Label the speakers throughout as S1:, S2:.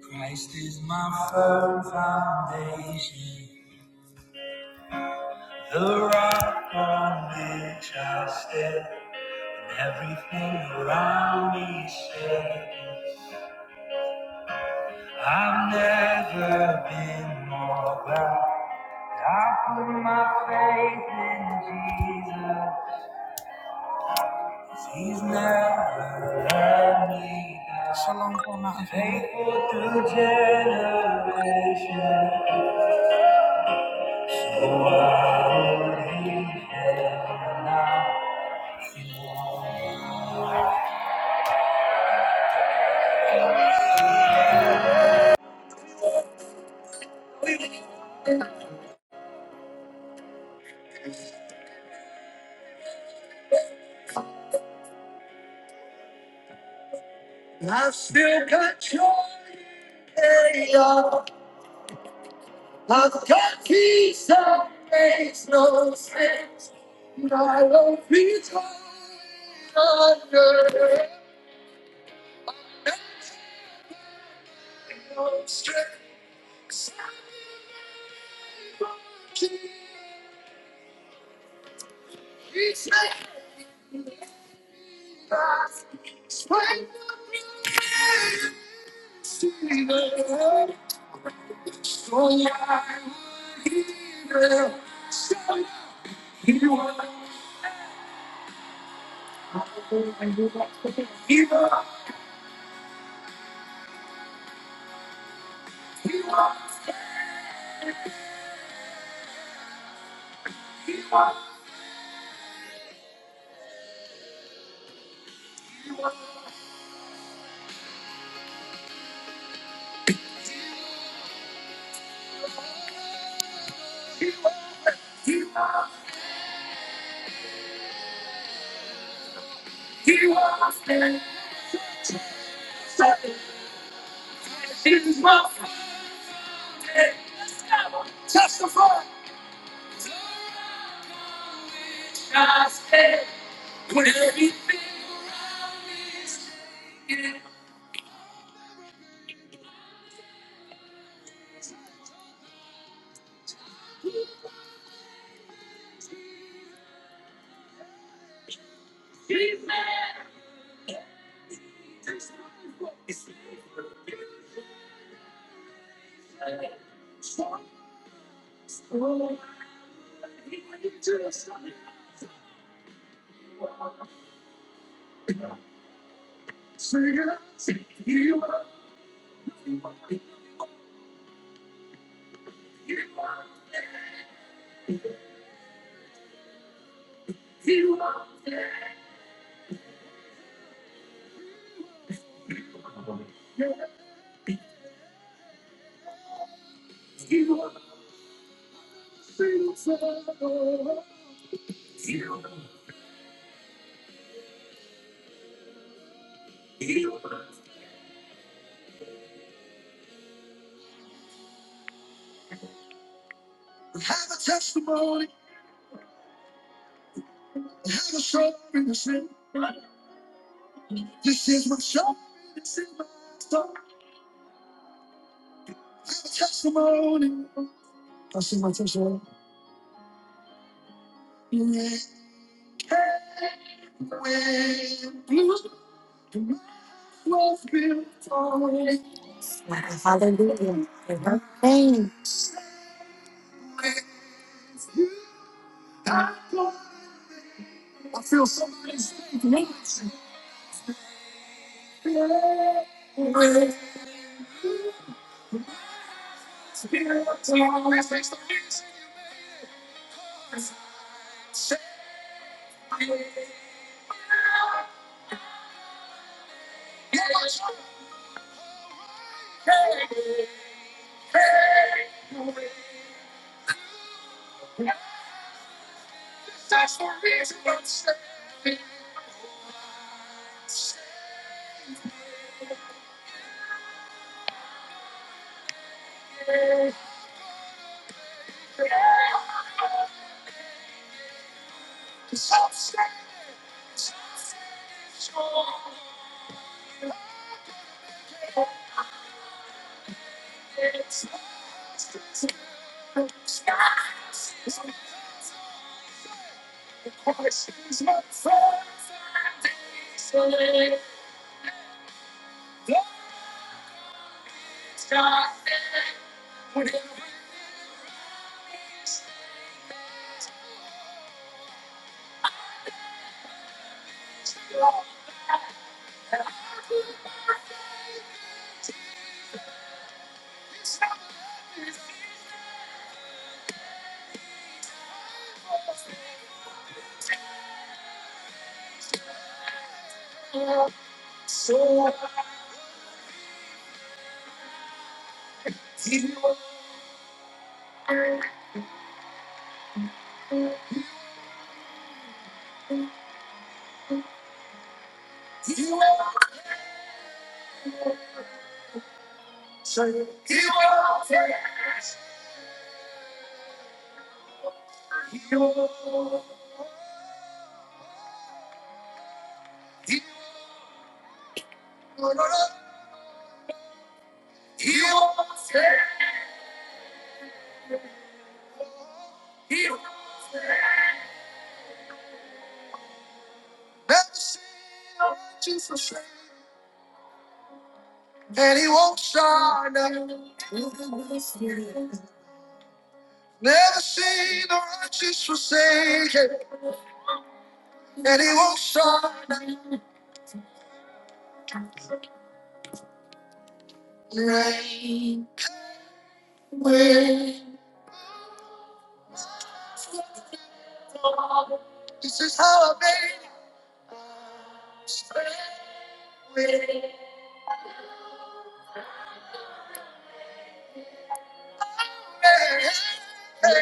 S1: Christ is my firm foundation, the rock on which I stand, and everything around me is shaking. I've never been more glad. that I put my faith in Jesus, 'cause He's never let me down. Shalom, Paul Mountain. Faithful through generations.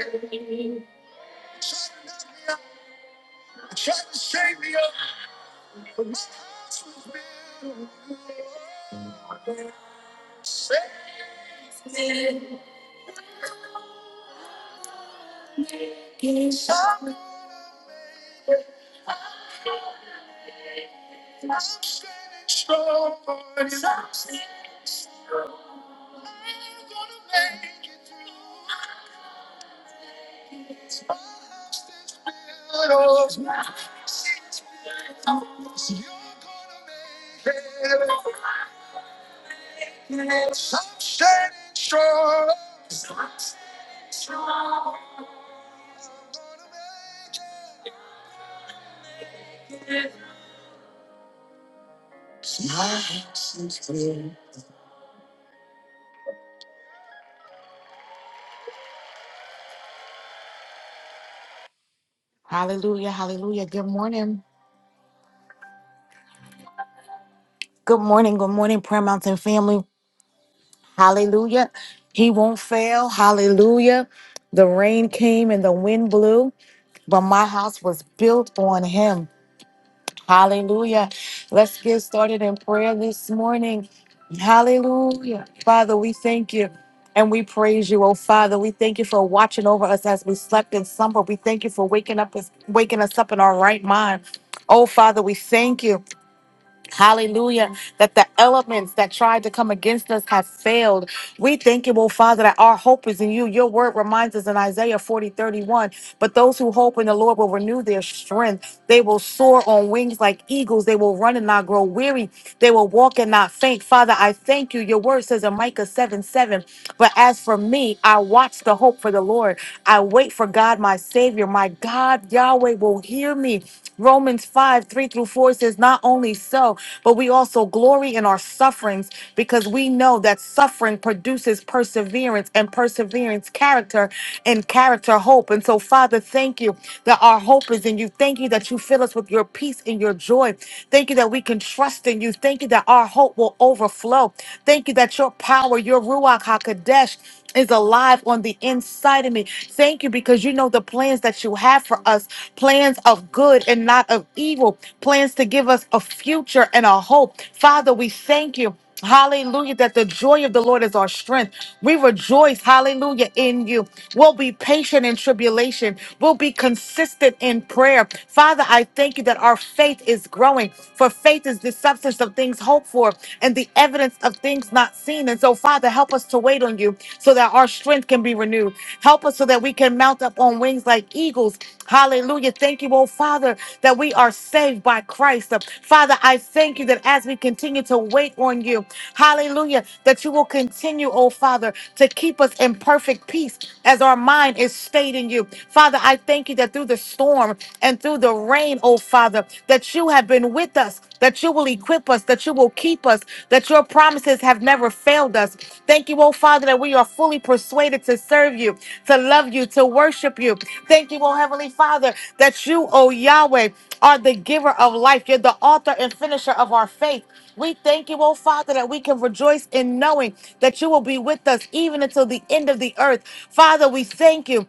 S1: Good morning, good morning, Prayer Mountain family. Hallelujah. He won't fail. Hallelujah. The rain came and the wind blew, but my house was built on him. Hallelujah. Let's get started in prayer this morning. Hallelujah. Father, we thank you and we praise you. Oh Father, we thank you for watching over us as we slept in slumber. We thank you for waking up waking us up in our right mind. Oh Father, we thank you. Hallelujah. That the elements that tried to come against us have failed. We thank you, oh Father, that our hope is in you. Your word reminds us in Isaiah 40:31. But those who hope in the Lord will renew their strength. They will soar on wings like eagles. They will run and not grow weary. They will walk and not faint. Father, I thank you. Your word says in Micah 7 7. But as for me, I watch the hope for the Lord. I wait for God, my Savior. My God, Yahweh, will hear me. Romans 5 3 through 4 says, Not only so, but we also glory in our sufferings because we know that suffering produces perseverance and perseverance, character, and character, hope. And so, Father, thank you that our hope is in you. Thank you that you fill us with your peace and your joy. Thank you that we can trust in you. Thank you that our hope will overflow overflow. Thank you that your power, your Ruach HaKodesh, is alive on the inside of me. Thank you because you know the plans that you have for us plans of good and not of evil, plans to give us a future and a hope. Father, we thank you. Hallelujah, that the joy of the Lord is our strength. We rejoice, hallelujah, in you. We'll be patient in tribulation. We'll be consistent in prayer. Father, I thank you that our faith is growing, for faith is the substance of things hoped for and the evidence of things not seen. And so, Father, help us to wait on you so that our strength can be renewed. Help us so that we can mount up on wings wings like eagles. Hallelujah. Thank you, oh Father, that we are saved by Christ. Father, I thank you that as we continue to wait on you, hallelujah, that you will continue, oh Father, to keep us in perfect peace as our mind is stayed in you. Father, I thank you that through the storm and through the rain, oh Father, that you have been with us, that you will equip us, that you will keep us, that your promises have never failed us. Thank you, oh Father, that we are fully persuaded to serve you, to love you, to worship you. Thank you, oh Heavenly Father, that you, oh Yahweh, are the giver of life. You're the author and finisher of our faith. We thank you, oh Father, that we can rejoice in knowing that you will be with us even until the end of the earth. Father, we thank you.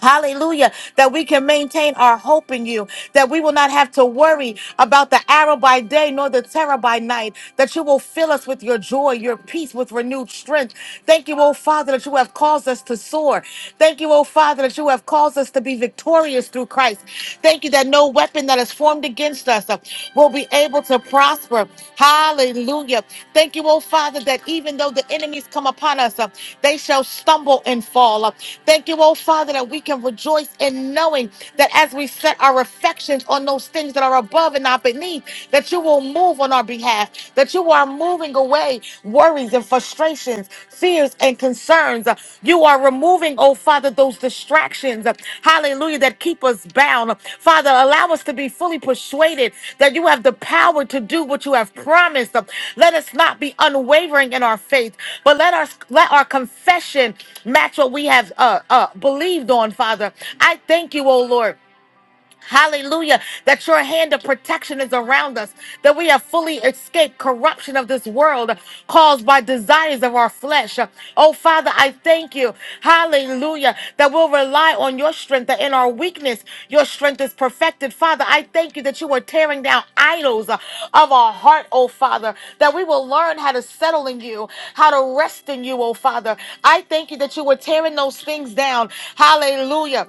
S1: Hallelujah. That we can maintain our hope in you. That we will not have to worry about the arrow by day nor the terror by night. That you will fill us with your joy, your peace, with renewed strength. Thank you, oh Father, that you have caused us to soar. Thank you, oh Father, that you have caused us to be victorious through Christ. Thank you that no weapon that is formed against us uh, will be able to prosper. Hallelujah. Thank you, oh Father, that even though the enemies come upon us, uh, they shall stumble and fall. Uh, thank you, oh Father, that we can rejoice in knowing that as we set our affections on those things that are above and not beneath, that you will move on our behalf, that you are moving away worries and frustrations, fears cares and concerns. Uh, You are removing, oh Father, those distractions, uh, hallelujah, that keep us bound. Father, allow us to be fully persuaded that you have the power to do what you have promised. Uh, Let us not be unwavering in our faith, but let us let our confession match what we have uh, uh, believed on, Father. I thank you, oh Lord. Hallelujah. That your hand of protection is around us, that we have fully escaped corruption of this world caused by desires of our flesh. Oh, Father, I thank you. Hallelujah. That we'll rely on your strength, that in our weakness, your strength is perfected. Father, I thank you that you are tearing down idols of our heart, oh, Father, that we will learn how to settle in you, how to rest in you, oh, Father. I thank you that you were tearing those things down. Hallelujah.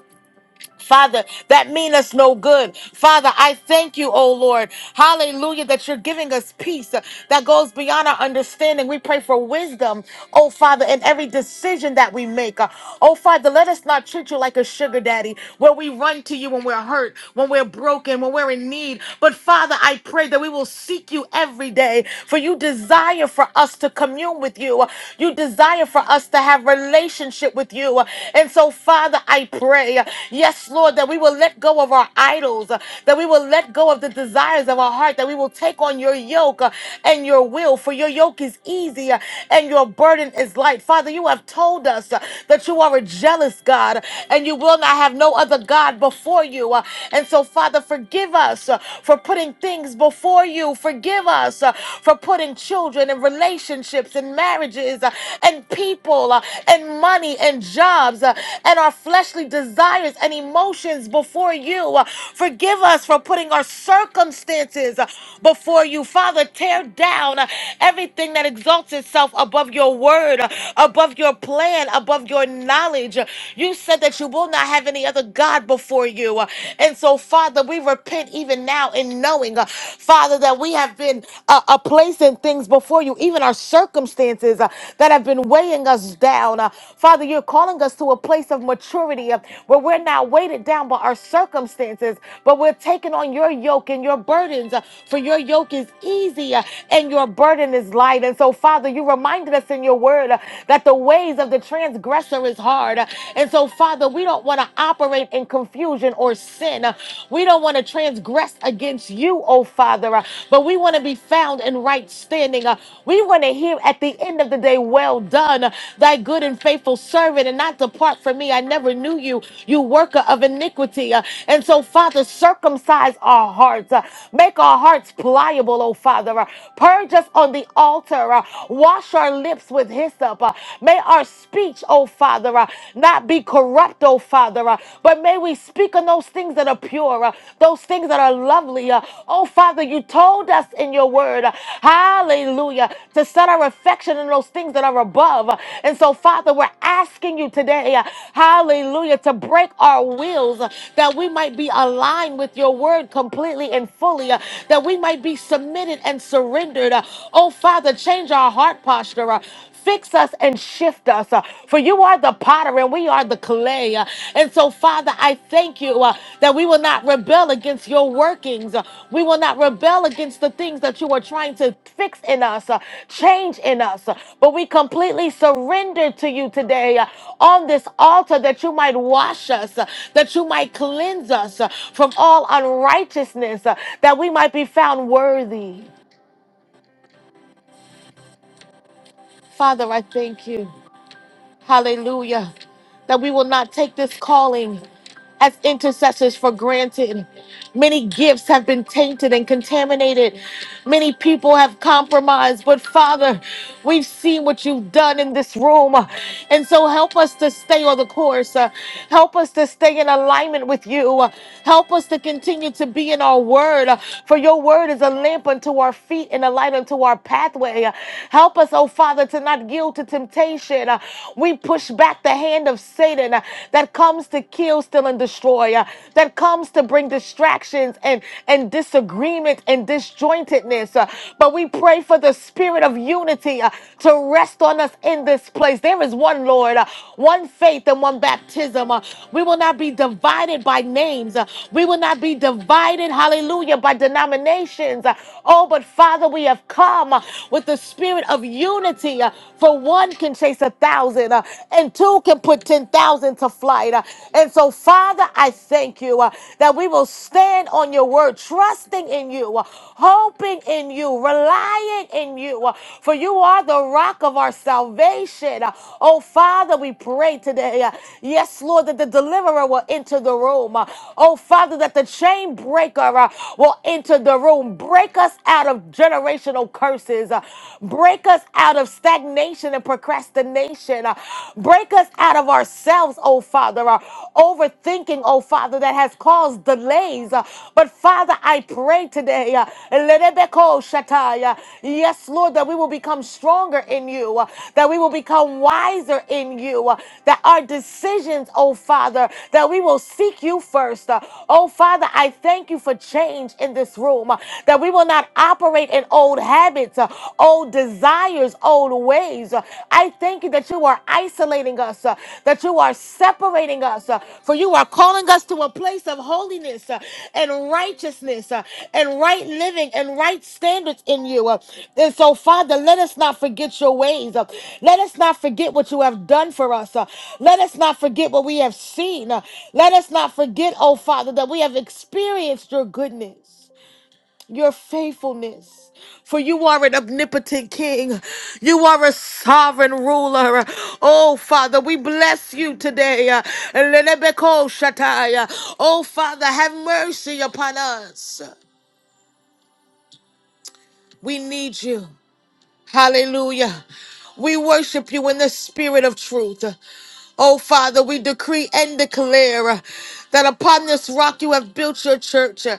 S1: Father, that mean us no good. Father, I thank you, oh Lord. Hallelujah, that you're giving us peace uh, that goes beyond our understanding. We pray for wisdom, oh Father, in every decision that we make. Uh, Oh Father, let us not treat you like a sugar daddy where we run to you when we're hurt, when we're broken, when we're in need. But Father, I pray that we will seek you every day, for you desire for us to commune with you. You desire for us to have relationship relationship with you. And so, Father, I pray, yes, Lord, that we will let go of our idols, that we will let go of the desires of our heart, that we will take on your yoke and your will, for your yoke is easy and your burden is light. Father, you have told us that you are a jealous God and you will not have no other God before you. And so, Father, forgive us for putting things before you. Forgive us for putting children and relationships relationships and marriages uh, and people uh, and money and jobs uh, and our fleshly desires and emotions before you. Uh, Forgive us for putting our circumstances uh, before you. Father, tear down uh, everything that exalts itself above your word, uh, above your plan, above your knowledge. You said that you will not have any other God before you. Uh, And so, Father, we repent even now in knowing, uh, Father, that we have been uh, uh, placing things before you, even our circumstances uh, that have been weighing us down. Uh, Father, you're calling us to a place of maturity uh, where we're not weighted down by our circumstances, but we're taking on your yoke and your burdens. uh, for your yoke is easy uh, and your burden is light. And so, Father, you reminded us in your word uh, that the ways of the transgressor is hard. Uh, and so, Father, we don't want to operate in confusion or sin sin. Uh, We don't want to transgress against you, oh Father, uh, but we want to be found in right standing. Uh, We want to hear at the end of the day, well done, uh, thy good and faithful servant, and not depart from me. I never knew you, you worker of iniquity. Uh, And so, Father, circumcise our hearts, uh, make our hearts pliable, oh Father. Uh, Purge us on the altar, uh, wash our lips with hyssop. Uh, May our speech, oh Father, not be corrupt, oh Father. uh, But may we speak on those things that are pure, uh, those things that are lovely. uh, Oh Father, you told us in your word, uh, hallelujah, to set our affection on those things that are above. uh, And so, Father, we're asking you today, uh, hallelujah, to break our wills uh, that we might be aligned with your word completely and fully, uh, that we might be submitted and surrendered. uh, Oh Father, change our heart posture. uh, Fix us and shift us, uh, for you are the potter and we are the clay. uh, and so, Father, I thank you uh, that we will not rebel against your workings. uh, we will not rebel against the things that you are trying to fix in us, uh, change in us. uh, but we completely surrender to you today uh, on this altar that you might wash us, uh, that you might cleanse us uh, from all unrighteousness, uh, that we might be found worthy. Father, I thank you. Hallelujah. That we will not take this calling as intercessors for granted. Many gifts have been tainted and contaminated. Many people have compromised. But Father, we've seen what you've done in this room. And so help us to stay on the course. Uh, Help us to stay in alignment with you. Uh, Help us to continue to be in our word. Uh, For your word is a lamp unto our feet and a light unto our pathway. Uh, Help us, oh Father, to not yield to temptation. Uh, We push back the hand of sin Satan uh, that comes to kill, steal, and destroy, uh, that comes to bring distractions and, and disagreement and disjointedness. uh, But we pray for the spirit of unity uh, to rest on us in this place. There is one Lord, uh, one faith, and one baptism. uh, We will not be divided by names. uh, We will not be divided, hallelujah, by denominations. uh, Oh, but Father, we have come uh, with the spirit of unity, uh, for one can chase a a thousand, uh, and two can put 10,000 to flight. uh. And so, Father, I thank you uh, that we will stand on your word, trusting in you, uh, hoping in you, relying in you, uh, for you are the rock of our salvation. Uh, Oh, Father, we pray today. uh, Yes, Lord, that the deliverer will enter the room. Uh, Oh, Father, that the chain breaker uh, will enter the room. Break us out of generational curses. Uh, Break us us out of stagnation and procrastination. Uh, Break us out of ourselves, oh Father, our overthinking, oh Father, that has caused delays. Uh, But Father, I pray today, uh, Lerebeko Shatai, uh, yes, Lord, that we will become stronger in you, uh, that we will become wiser in you, uh, that our decisions, oh Father, that we will seek you first. Uh, Oh Father, I thank you for change in this room, uh, that we will not operate in in old habits, uh, old desires, old ways. Uh, I thank you that you are isolating us, uh, that you are separating us, uh, for you are calling us to a place of holiness uh, and righteousness uh, and right living and right standards in you. uh. And so, Father, let us not forget your ways. uh. Let us not forget what you have done for us. uh. Let us not forget what we have seen. uh. Let us not forget, oh Father, that we have experienced your goodness your faithfulness. For you are an omnipotent king. You are a sovereign ruler. Oh, Father, we bless you today. Lenebeko shatai. Oh, Father, have mercy upon us. We need you. Hallelujah. We worship you in the spirit of truth. Oh, Father, we decree and declare uh, that upon this rock you have built your church, uh,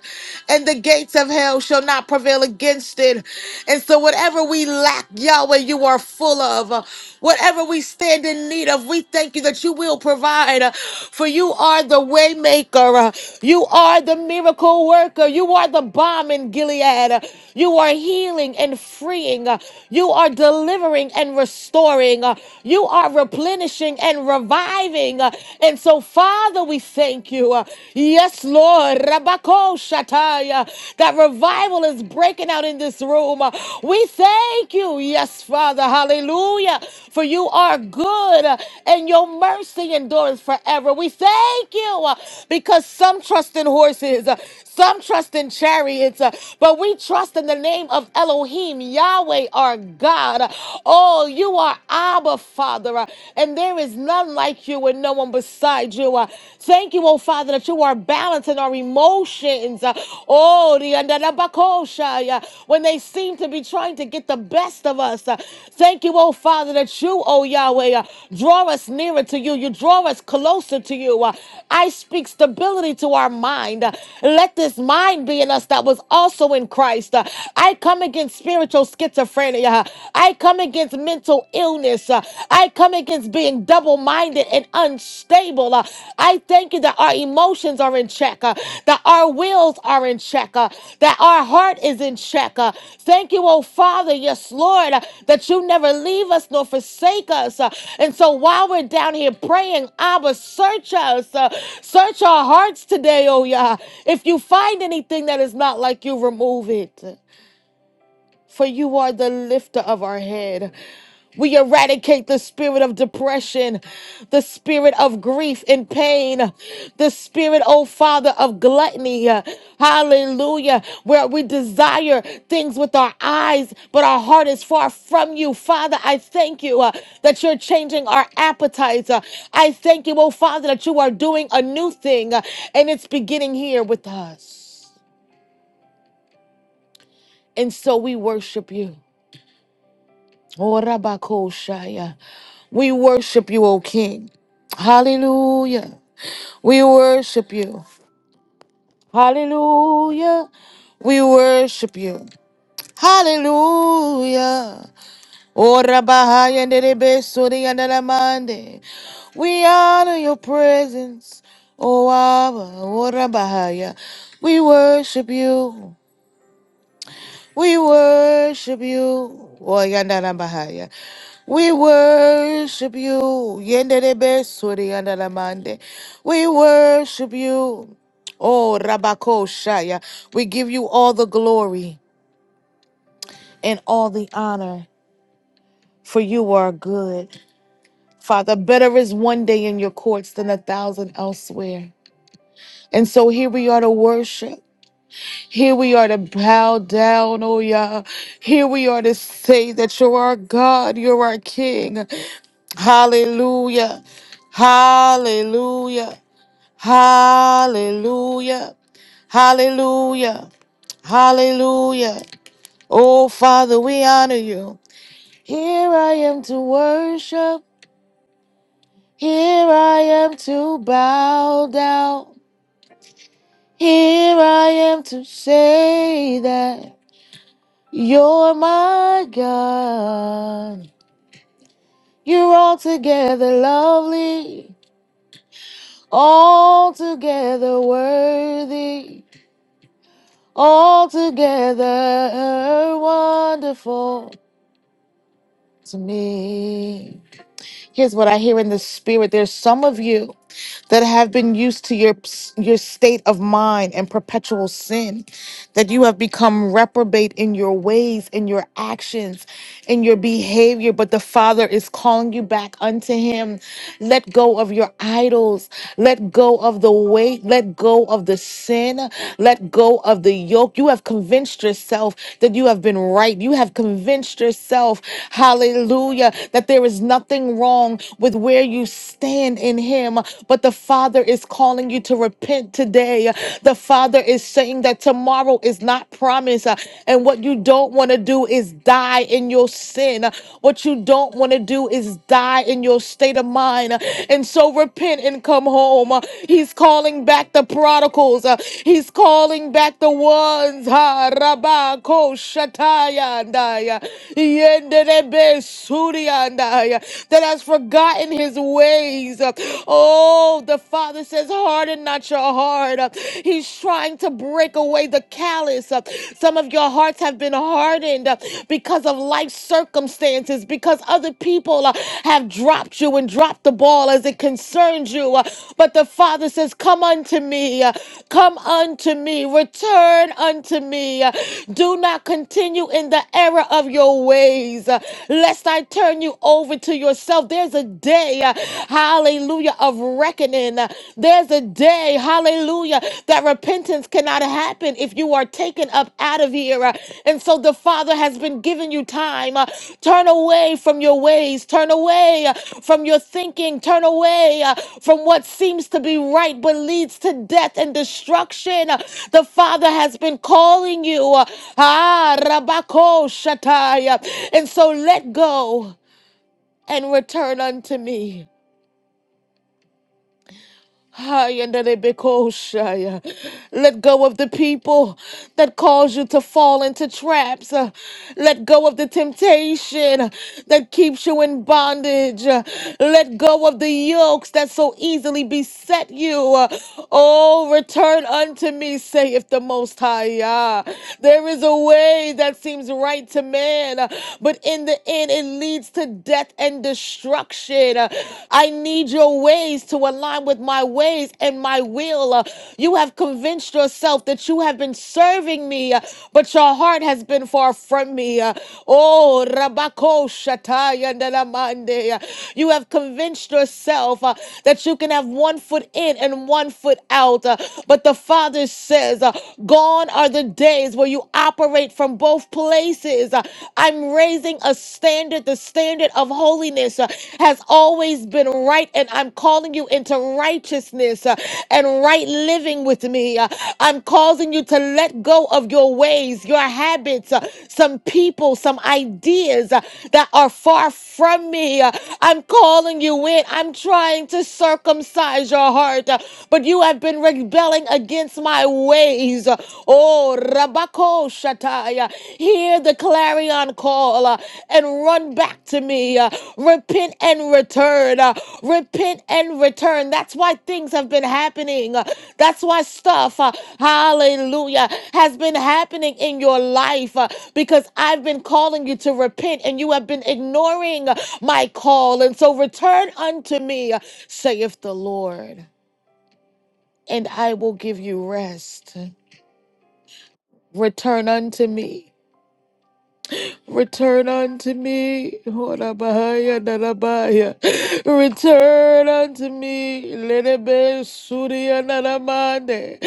S1: and the gates of hell shall not prevail against it. And so, whatever we lack, Yahweh, you are full of. Uh, Whatever we stand in need of, we thank you that you will provide. uh, For you are the way maker, uh, you are the miracle worker, you are the bomb in Gilead, uh, you are healing and freeing, uh, you are delivering and restoring, uh, you are replenishing and reviving. Uh, And so, Father, we thank you. Uh, Yes, Lord. Rabako Shataya. That revival is breaking out in this room. Uh, We thank you. Yes, Father. Hallelujah. For you are good uh, and your mercy endures forever. We thank you uh, because some trust in horses, uh, some trust in chariots, uh, but we trust in the name of Elohim, Yahweh, our God. Oh, you are Abba, Father, uh, and there is none like you and no one beside you. uh. Thank you, oh Father, that you are balancing our emotions. uh. Oh, the andalabakosha, yeah, when they seem to be trying to get the best of us. uh. Thank you, oh Father, that you, oh Yahweh, uh, draw us nearer to you. You draw us closer to you. uh. I speak stability to our mind. uh. Let this mind be in us that was also in Christ. uh. I come against spiritual scarcity schizophrenia. I come against mental illness. Uh, I come against being double minded and unstable. Uh, I thank you that our emotions are in check, uh, that our wills are in check, uh, that our heart is in check. uh. Thank you, oh Father, yes, Lord, uh, that you never leave us nor forsake us. uh. And so while we're down here praying, Abba, search us, uh, search our hearts today, oh Yah. If you find anything that is not like you, remove it for you are the lifter of our head. We eradicate the spirit of depression, the spirit of grief and pain, the spirit, oh Father, of gluttony. Hallelujah. Where we desire things with our eyes, but our heart is far from you. Father, I thank you uh, that you're changing our appetites. Uh, I thank you, oh Father, that you are doing a new thing, uh, and it's beginning here with us. And so we worship you. Orabakoshaya. We worship you, O King. Hallelujah. We worship you. Hallelujah. We worship you. Hallelujah. Orabahaya nerebesori andalamande. We honor your presence, O Abba. Orabahaya. We worship you. We worship you. Oh, yanda la bahaya. We worship you. Yende de besuri yanda la mande. We worship you. Oh, Rabako Shaya. We give you all the glory and all the honor, for you are good. Father, better is one day in your courts than a thousand elsewhere. And so here we are to worship. Here we are to bow down, oh yeah. Here we are to say that you're our God, you're our King. Hallelujah. Hallelujah. Hallelujah. Hallelujah. Hallelujah. Oh Father, we honor you. Here I am to worship. Here I am to bow down. Here I am to say that. You're my God. You're altogether lovely, altogether worthy, altogether wonderful to me. Here's what I hear in the spirit. There's some of you that have been used to your your state of mind and perpetual sin. that you have become reprobate in your ways, in your actions, in your behavior, but the Father is calling you back unto Him. Let go of your idols. Let go of the weight. Let go of the sin. Let go of the yoke. You have convinced yourself that you have been right. You have convinced yourself, hallelujah, that there is nothing wrong with where you stand in Him, but the Father is calling you to repent today the Father is saying that tomorrow is not promised. uh, And what you don't want to do is die in your sin. Uh, What you don't want to do is die in your state of mind. Uh, And so repent and come home. Uh, He's calling back the prodigals. Uh, He's calling back the ones. Ha, rabba, shataya, andaya, yenderebe, suri, andaya, That has forgotten his ways. Uh, Oh, the the Father says, Harden not your heart. Uh, He's trying to break away the callous. Uh, Some of your hearts have been hardened uh, because of life circumstances, because other people uh, have dropped you and dropped the ball as it concerns you. Uh, But the Father says, Come unto me. Uh, Come unto me. Return unto me. Uh, Do not continue in the error of your ways, uh, lest I turn you over to yourself. There's a day hallelujah, of reckoning. There's a day, hallelujah, that repentance cannot happen if you are taken up out of here. And so the Father has been giving you time. Uh, Turn away from your ways, turn away uh, from your thinking, turn away uh, from what seems to be right but leads to death and destruction. Uh, The Father has been calling you. uh, Ah, Rabako Shatai. uh, And so let go and return unto me. Ay, and that it be called shy. uh, Let go of the people that cause you to fall into traps. Uh, Let go of the temptation uh, that keeps you in bondage. Uh, Let go of the yokes that so easily beset you. Uh, Oh, return unto me, saith the Most High. Ah, There is a way that seems right to man, uh, but in the end it leads to death and destruction instruction. Uh, I need your ways to align with my ways and my will. Uh, You have convinced yourself that you have been serving me, uh, but your heart has been far from me. Uh, Oh, Rabako Shataya Nalamande. Uh, You have convinced yourself uh, that you can have one foot in and one foot out. Uh, But the Father says, uh, Gone are the days where you operate from both places. Uh, I'm raising a standard. The standard of holiness uh, has always been right, and I'm calling you into righteousness uh, and right living with me. Uh, I'm causing you to let go of your ways, your habits, uh, some people, some ideas uh, that are far from me. Uh, I'm calling you in. I'm trying to circumcise your heart, uh, but you have been rebelling against my ways. uh, Oh, Rabako Shataya, hear the clarion call uh, and run back to me. uh, repent and return. uh, repent and return. That's why things have been happening. uh, that's why stuff, uh, hallelujah, has been happening in your life uh, because I've been calling you to repent and you have been ignoring uh, my call. And so return unto me, uh, saith the Lord, and I will give you rest. Return unto me. Return unto me. Horabahaya narabaya. Return unto me. Lenebe surya naramande.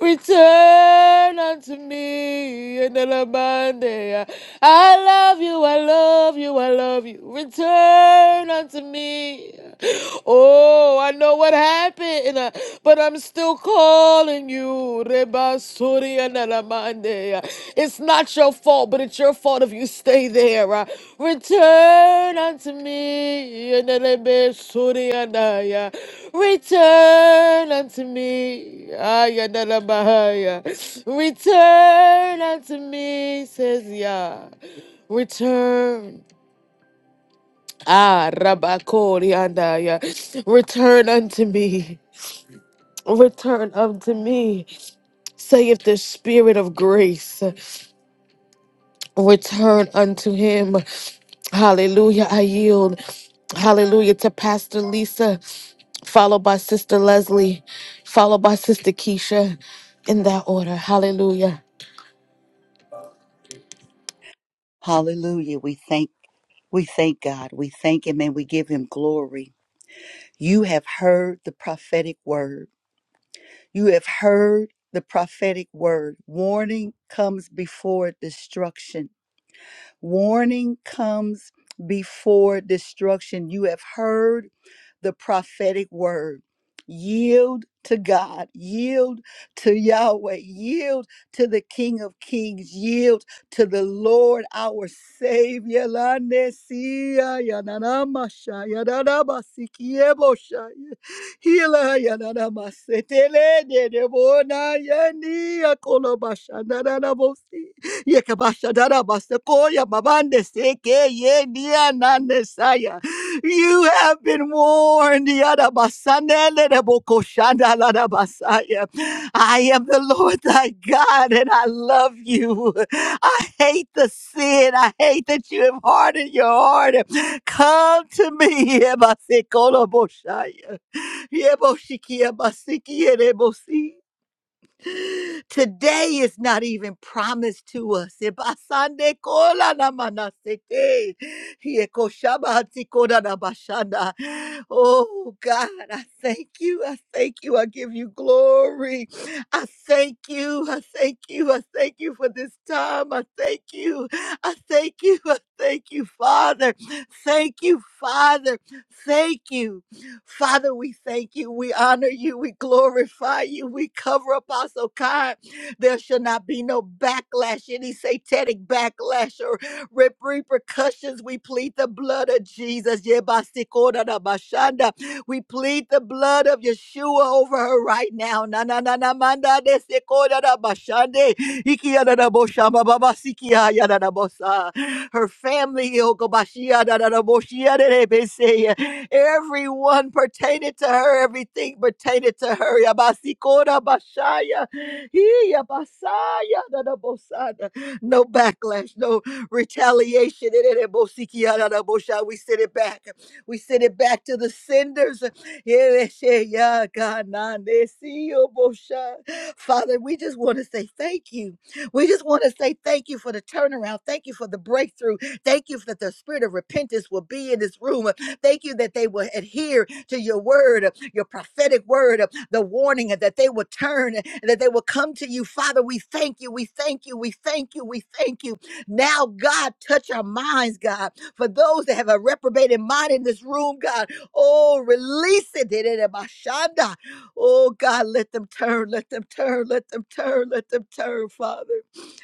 S1: Return unto me. Naramande. I love you. I love you. I love you. Return unto me. Oh, I know what happened, but I'm Still calling you, Reba Suri and Nalamande. It's not your fault, but it's your fault if you stay there. uh. Return unto me, and Elebe Suri and I. Return unto me, I Ayanala Bahaya. Return unto me, says Yah. Return. Ah, Rabakori and I. Return unto me. Return unto me. Say if the Spirit of grace, uh, return unto him. Hallelujah. I yield. Hallelujah to Pastor Lisa, followed by Sister Leslie, followed by Sister Keisha in that order. Hallelujah.
S2: Hallelujah. We thank we thank God. We thank him and we give him glory. You have heard the prophetic word. You have heard the prophetic word. Warning comes before destruction. Warning comes before destruction. You have heard the prophetic word. Yield to God, yield to Yahweh, yield to the King of Kings, yield to the Lord our Savior. La nesia yananamashaya, yananamasikieboshaya. Hila yanana masetele de de bona yani akolo basha dana na you have been warned. I am the Lord thy God and I love you. I hate the sin. I hate that you have hardened your heart. Come to me. Yebasikolobosaya. Yeboshikiabasikielebosi. Today is not even promised to us. Ebasande kola na manasete. Hieko shabati koda na bashanda. Oh God, I thank you. I thank you. I give you glory. I thank you. I thank you. I thank you for this time. I thank you. I thank you. I thank you, Father. Thank you, Father. Thank you. Father, we thank you. We honor you. We glorify you. We cover up our so kind. There shall not be no backlash, any satanic backlash or re- repercussions. We plead the blood of Jesus. da bashanda. We plead the blood of Yeshua over her right now. Na na na na manda de da Ikiyanadabosha mababa sikia yadadabosa. Her family, Ilkobashia dadadaboshia dedebese. everyone pertaining to her, everything pertaining to her. Yabasikora bashaya. Hi, yabasaya dadabosada. No backlash, no retaliation. Dedebosikia dadabosha. We send it back. We send it back to the senders. Father, we just want to say thank you. We just want to say thank you for the turnaround. Thank you for the breakthrough. Thank you that the spirit of repentance will be in this room. Thank you that they will adhere to your word, your prophetic word, the warning, and that they will turn and that they will come to you. Father, we thank you. We thank you. We thank you. We thank you. Now, God, touch our minds, God. For those that have a reprobated mind in this room, God, Oh, release it. Dirirabashanda. Oh, God, let them turn, let them turn, let them turn, let them turn, Father.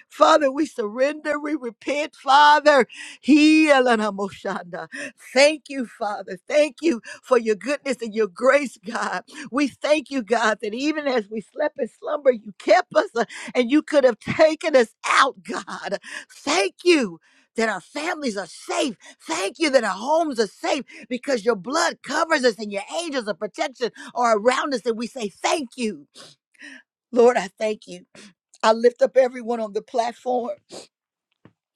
S2: Father, we surrender, we repent, Father. Hielanamoshanda. Thank you, Father. Thank you for your goodness and your grace, God. We thank you, God, that even as we slept in slumber, you kept us uh, and you could have taken us out, God. Thank you that our families are safe. Thank you that our homes are safe because your blood covers us and your angels of protection are around us. And we say, Thank you. Lord, I thank you. I lift up everyone on the platform.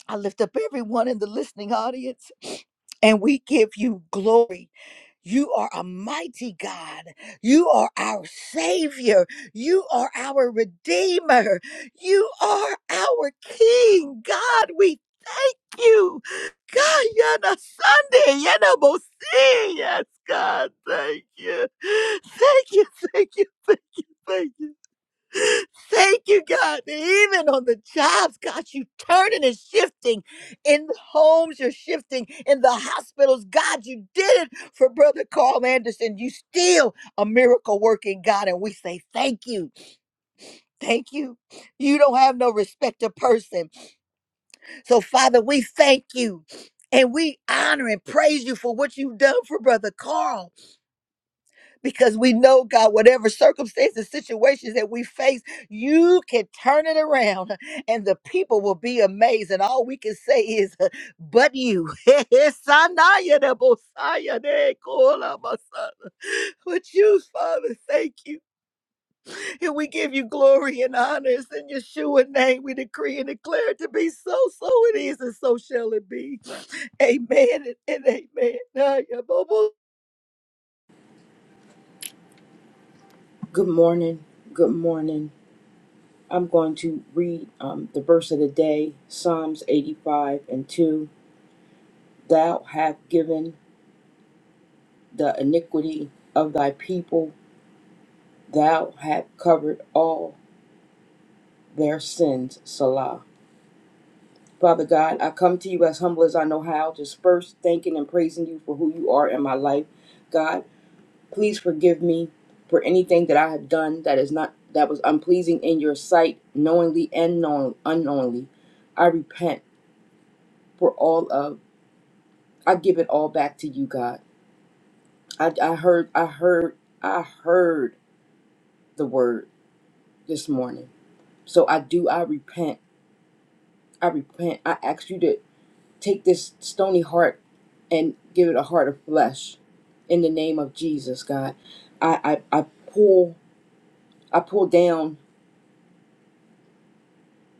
S2: I lift up everyone in the listening audience and we give you glory. You are a mighty God. You are our Savior. You are our Redeemer. You are our King. God, we thank you. God, Yana Sunday, Yana Bosi. Yes, God, thank you. Thank you, thank you, thank you, thank you. Thank you, God, that even on the jobs, God, you turning and shifting. In the homes, you're shifting. In the hospitals, God, you did it for Brother Carl Anderson. You still a miracle working God, and we say thank you. Thank you. You don't have no respect to person. So, Father, we thank you. And we honor and praise you for what you've done for Brother Carl because we know God, whatever circumstances, situations that we face, you can turn it around and the people will be amazed. And all we can say is, but you. Sanaya de But you, Father, thank you. And we give you glory and honors in Yeshua's name. We decree and declare it to be so, so it is, and so shall it be. Amen and amen.
S3: Good morning. Good morning. I'm going to read um, the verse of the day, Psalms 85 and 2. Thou hast given the iniquity of thy people, thou hast covered all their sins, Salah. Father God, I come to you as humble as I know how, just first thanking and praising you for who you are in my life. God, please forgive me for anything that I have done that is not that was unpleasing in your sight, knowingly and known, unknowingly. I repent. for all of I give it all back to you, God. I, I heard I heard I heard the word this morning. So I do I repent. I repent. I ask you to take this stony heart and give it a heart of flesh in the name of Jesus, God. I I, I pull I pull down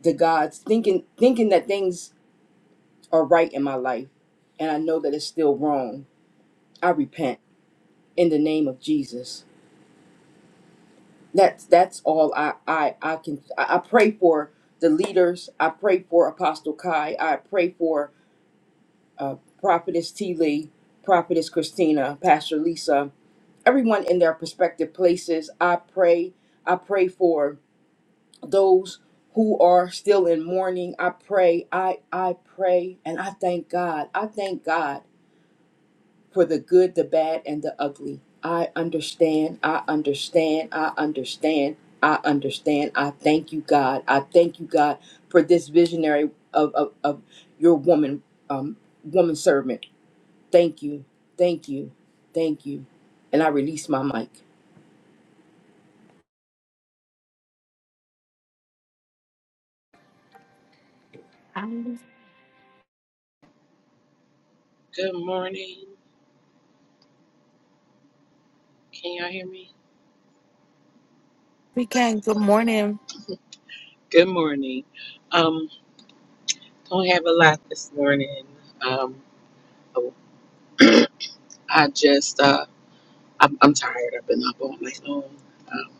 S3: the gods thinking thinking that things are right in my life and I know that it's still wrong. I repent in the name of Jesus. That's that's all I I I can I, I pray for the leaders. I pray for Apostle Kai. I pray for uh, Prophetess T Lee, Prophetess Christina, Pastor Lisa, everyone in their prospective places. I pray. I pray for those who are still in mourning. I pray. I I pray, and I thank God. I thank God for the good, the bad, and the ugly. I understand, I understand, I understand, I understand. I thank you, God. I thank you, God, for this visionary of, of, of your woman, um, woman servant. Thank you, thank you, thank you. And I release my mic.
S4: Good morning. Can y'all hear me?
S1: We can. Good morning,
S4: Good morning. Um, don't have a lot this morning. Um, oh, I just uh, I'm, I'm tired. I've been up all night long. Um,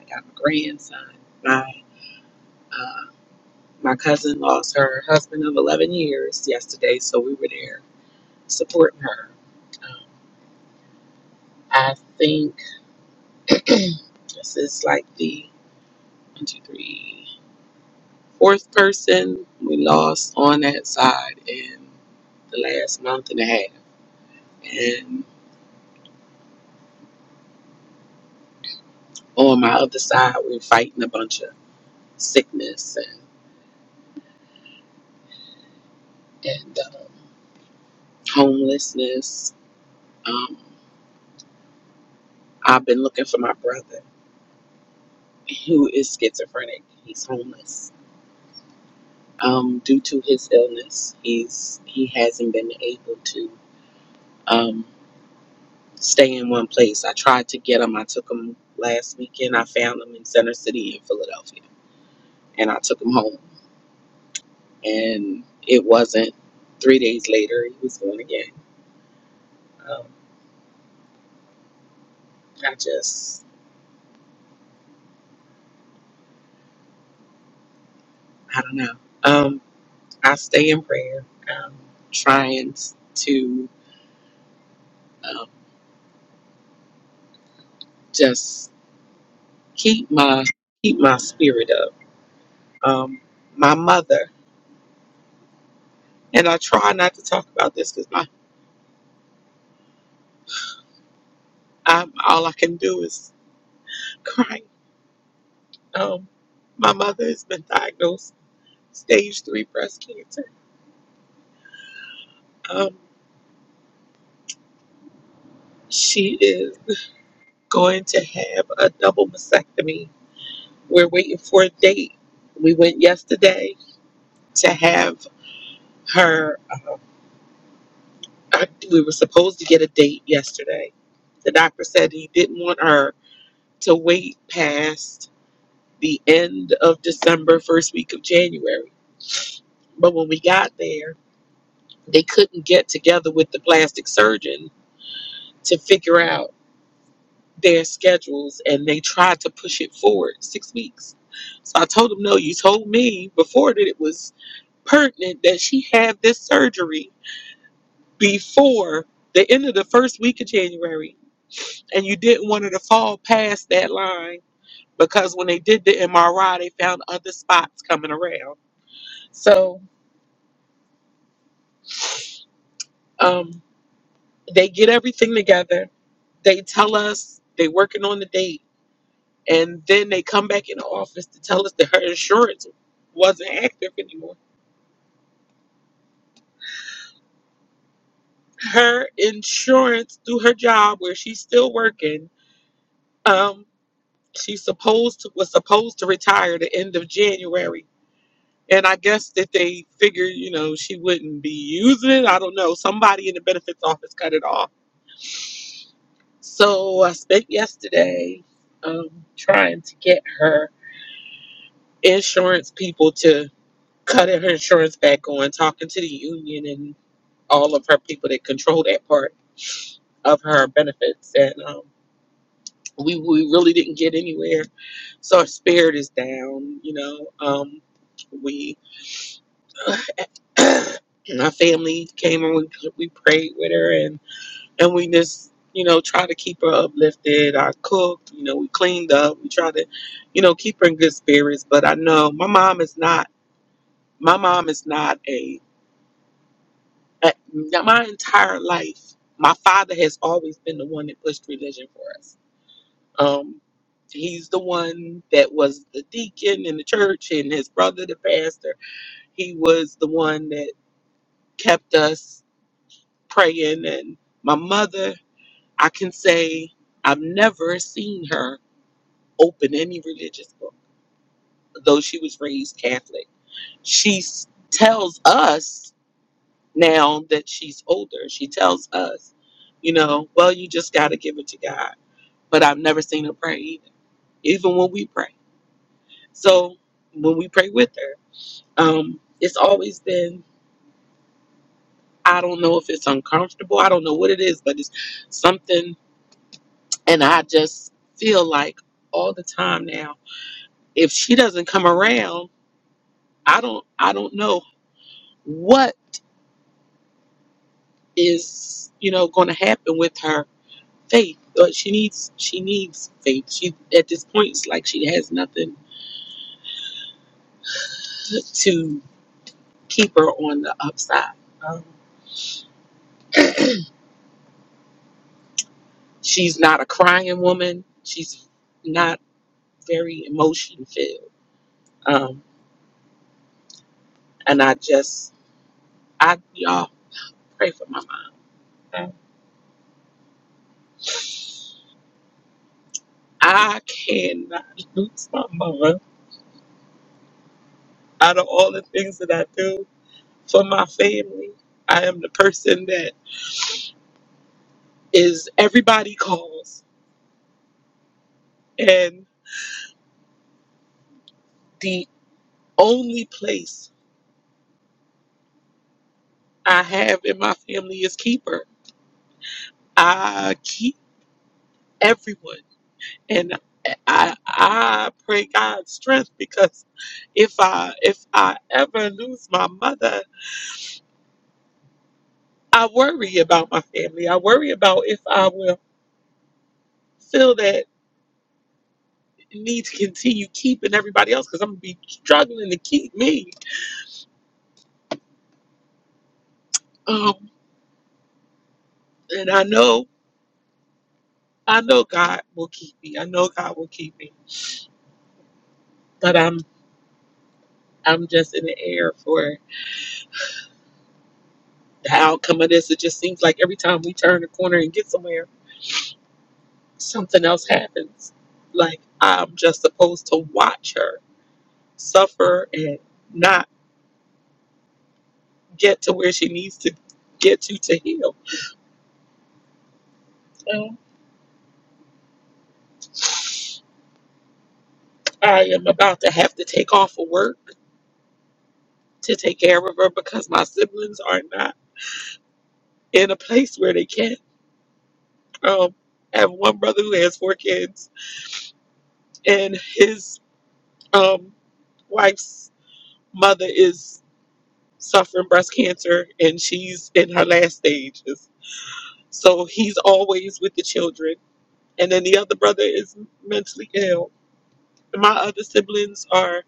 S4: I got my grandson. My uh, my cousin lost her husband of 11 years yesterday, so we were there supporting her. Um, I think this is like the one, two, three, fourth person we lost on that side in the last month and a half. And on my other side, we're fighting a bunch of sickness and, and uh, homelessness. Um, I've been looking for my brother who is schizophrenic. He's homeless. Um, due to his illness, he's he hasn't been able to um, stay in one place. I tried to get him. I took him last weekend. I found him in Center City in Philadelphia, and I took him home. And it wasn't three days later. He was gone again. Um, I just, I don't know. Um, I stay in prayer, um, trying to um, just keep my keep my spirit up. Um, my mother and I try not to talk about this because my I'm, all I can do is cry. Um, my mother has been diagnosed with stage three breast cancer. Um, she is going to have a double mastectomy. We're waiting for a date. We went yesterday to have. her we were supposed to get a date yesterday the doctor said he didn't want her to wait past the end of december first week of january but when we got there they couldn't get together with the plastic surgeon to figure out their schedules and they tried to push it forward six weeks so i told him no you told me before that it was pertinent that she had this surgery before the end of the first week of january and you didn't want her to fall past that line because when they did the MRI, they found other spots coming around. So um, they get everything together. They tell us they're working on the date, and then they come back in the office to tell us that her insurance wasn't active anymore. Her insurance through her job, where she's still working, um, she supposed to was supposed to retire the end of January And I guess that they figured, you know, she wouldn't be using it. I don't know. Somebody in the benefits office cut it off. So I spent yesterday um, trying to get her insurance people to cut her insurance back on, talking to the union and all of her people that control that part of her benefits. And um, we, we really didn't get anywhere. So our spirit is down, you know. Um, we, my family came and we, we prayed with her and and we just you know try to keep her uplifted i cooked you know we cleaned up we try to you know keep her in good spirits but i know my mom is not my mom is not a, a my entire life my father has always been the one that pushed religion for us um he's the one that was the deacon in the church and his brother the pastor he was the one that kept us praying and my mother i can say i've never seen her open any religious book, though she was raised Catholic. She s- tells us now that she's older, she tells us, you know, well, you just got to give it to God. But I've never seen her pray either, even when we pray. So when we pray with her, um, it's always been, I don't know if it's uncomfortable. I don't know what it is, but it's something. And I just feel like all the time now, if she doesn't come around, I don't, I don't know what is you know going to happen with her faith but she needs she needs faith she at this point it's like she has nothing to keep her on the upside um, she's not a crying woman she's not very emotion filled um, and i just i y'all pray for my mom i cannot lose my mother out of all the things that i do for my family i am the person that is everybody calls And the only place I have in my family is keeper. I keep everyone. And I I pray God's strength because if I if I ever lose my mother, I worry about my family. I worry about if I will feel that need to continue keeping everybody else because I'm gonna be struggling to keep me. Um, and I know I know God will keep me. I know God will keep me. But I'm I'm just in the air for the outcome of this. It just seems like every time we turn the corner and get somewhere, something else happens. Like I'm just supposed to watch her suffer and not get to where she needs to get to to heal. So I am about to have to take off of work to take care of her because my siblings are not in a place where they can. Um, I have one brother who has four kids, and his um, wife's mother is suffering breast cancer and she's in her last stages. So he's always with the children. And then the other brother is mentally ill. And my other siblings are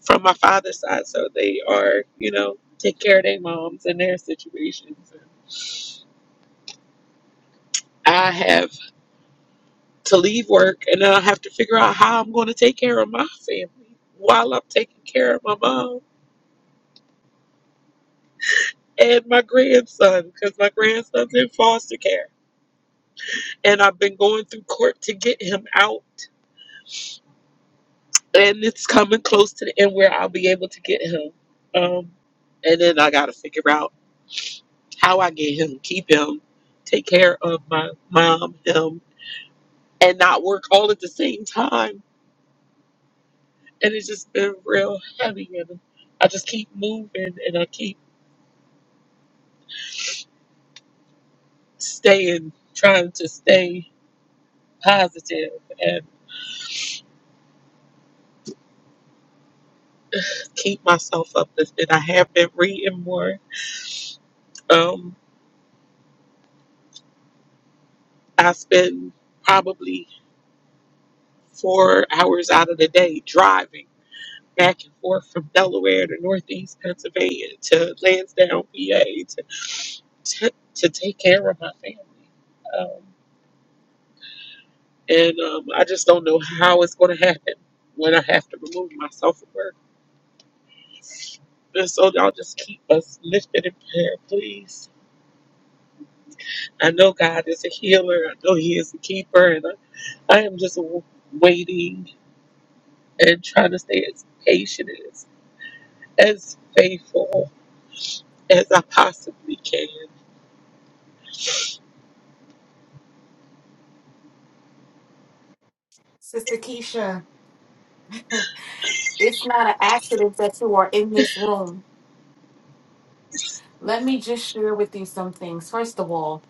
S4: from my father's side, so they are, you know, take care of their moms and their situations. I have to leave work and then I have to figure out how I'm going to take care of my family while I'm taking care of my mom and my grandson because my grandson's in foster care. And I've been going through court to get him out and it's coming close to the end where I'll be able to get him. Um, and then I gotta figure out how I get him, keep him, take care of my mom, him, and not work all at the same time. And it's just been real heavy, and I just keep moving and I keep staying, trying to stay positive and keep myself uplifted. I have been reading more. Um, I spend probably four hours out of the day driving back and forth from Delaware to Northeast Pennsylvania to Lansdowne, PA, to to, to take care of my family. Um, and um, I just don't know how it's going to happen when I have to remove myself from work. And so y'all just keep us lifted in prayer, please. I know God is a healer. I know He is a keeper, and I, I am just w- waiting and trying to stay as patient as as faithful as I possibly can.
S1: Sister Keisha. It's not an accident that you are in this room. Let me just share with you some things. First of all,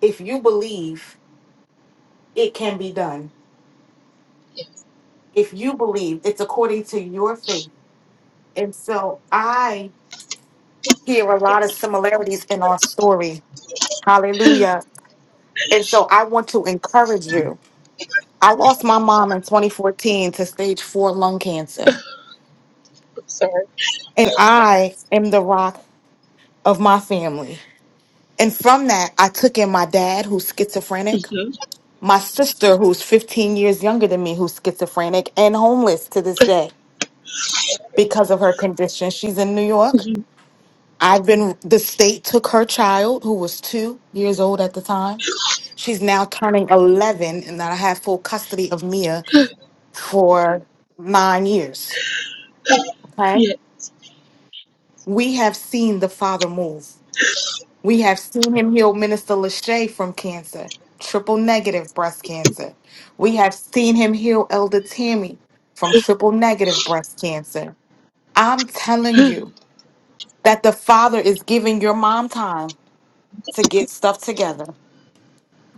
S1: if you believe, it can be done. If you believe, it's according to your faith. And so I hear a lot of similarities in our story. Hallelujah. And so I want to encourage you. I lost my mom in 2014 to stage four lung cancer,
S4: I'm
S1: and I am the rock of my family. And from that, I took in my dad, who's schizophrenic,
S4: sorry.
S1: my sister, who's 15 years younger than me, who's schizophrenic and homeless to this day because of her condition. She's in New York. I've been, the state took her child, who was two years old at the time. She's now turning 11, and that I had full custody of Mia for nine years. Okay.
S4: Yes.
S1: We have seen the father move. We have seen him heal Minister Lachey from cancer, triple negative breast cancer. We have seen him heal Elder Tammy from triple negative breast cancer. I'm telling you that the father is giving your mom time to get stuff together.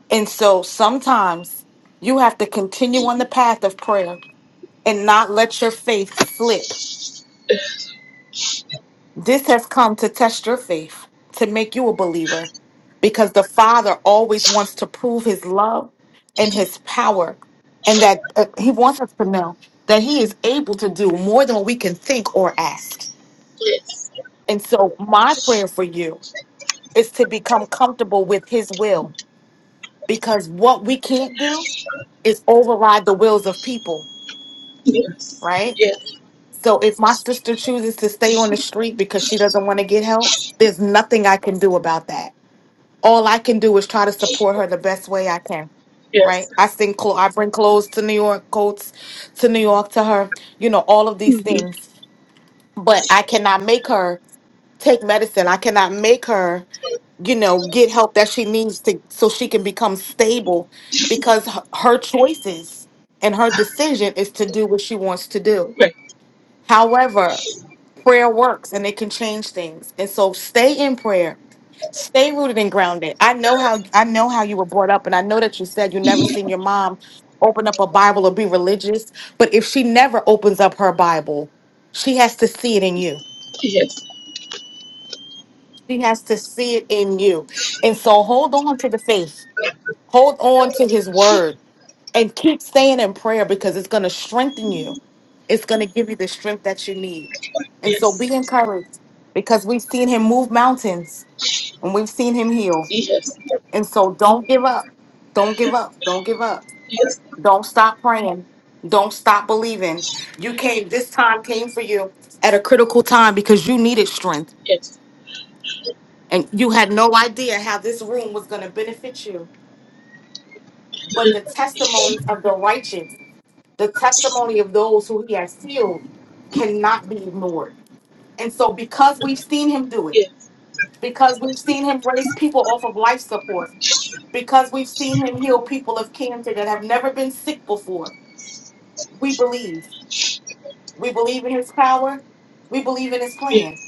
S1: And so sometimes you have to continue on the path of prayer and not let your faith slip. This has come to test your faith, to make you a believer, because the Father always wants to prove his love and his power, and that uh, he wants us to know that he is able to do more than we can think or ask.
S4: Yes.
S1: And so, my prayer for you is to become comfortable with his will, because what we can't do is override the wills of people,
S4: Yes.
S1: right?
S4: Yes.
S1: So if my sister chooses to stay on the street because she doesn't want to get help, there's nothing I can do about that. All I can do is try to support her the best way I can. Right?
S4: Yes.
S1: I send clo- I bring clothes to New York, coats to New York to her, you know, all of these
S4: Mm-hmm.
S1: things. But I cannot make her take medicine. I cannot make her, you know, get help that she needs to so she can become stable because her her choices and her decision is to do what she wants to do
S4: Right.
S1: However, prayer works and it can change things. And so stay in prayer. Stay rooted and grounded. I know how I know how you were brought up and I know that you said you never seen your mom open up a Bible or be religious, but if she never opens up her Bible, she has to see it in you.
S4: Yes.
S1: She has to see it in you. And so hold on to the faith. Hold on to his word. And keep staying in prayer because it's going to strengthen you. It's going to give you the strength that you need. And so
S4: Yes. Yes.
S1: be encouraged because we've seen him move mountains and we've seen him heal.
S4: Yes.
S1: And so don't give up. Don't give up. Don't give up.
S4: Yes.
S1: Don't stop praying. Don't stop believing. You came, this time came for you at a critical time because you needed strength
S4: Yes.
S1: and you had no idea how this room was going to benefit you. But the testimonies of the righteous the testimony of those who he has healed cannot be ignored. And so, because we've seen him do it, because we've seen him raise people off of life support, because we've seen him heal people of cancer that have never been sick before, we believe. We believe in his power. We believe in his plan.
S4: Yes.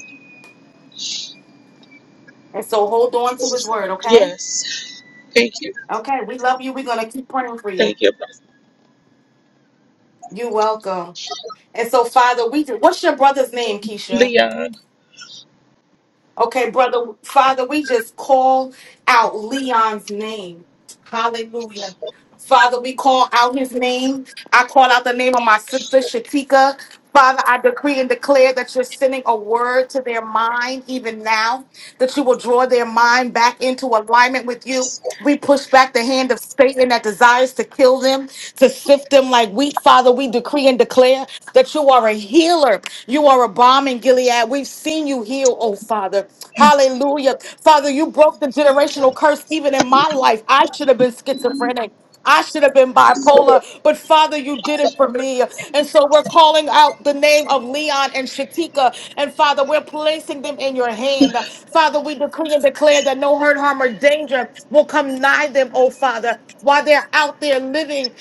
S1: And so, hold on to his word, okay?
S4: Yes. Thank you.
S1: Okay, we love you. We're going to keep praying for you.
S4: Thank you, Apostle.
S1: You're welcome. And so, Father, we do. what's your brother's name, Keisha?
S4: Leon.
S1: Okay, brother, Father, we just call out Leon's name. Hallelujah. Father, we call out his name. I call out the name of my sister, Shatika. Father, I decree and declare that you're sending a word to their mind even now that you will draw their mind back into alignment with you. We push back the hand of Satan that desires to kill them, to sift them like wheat. Father, we decree and declare that you are a healer. You are a bomb in Gilead. We've seen you heal, oh Father. Hallelujah. Father, you broke the generational curse even in my life. I should have been schizophrenic. I should have been
S4: Yes. Lord.
S1: bipolar, but Father, you did it for me. And so we're calling out the name of Leon and Shatika. And Father, we're placing them in your hand. Father, we decree and declare that no hurt, harm, or danger will come nigh them, oh Father, while they're out there living,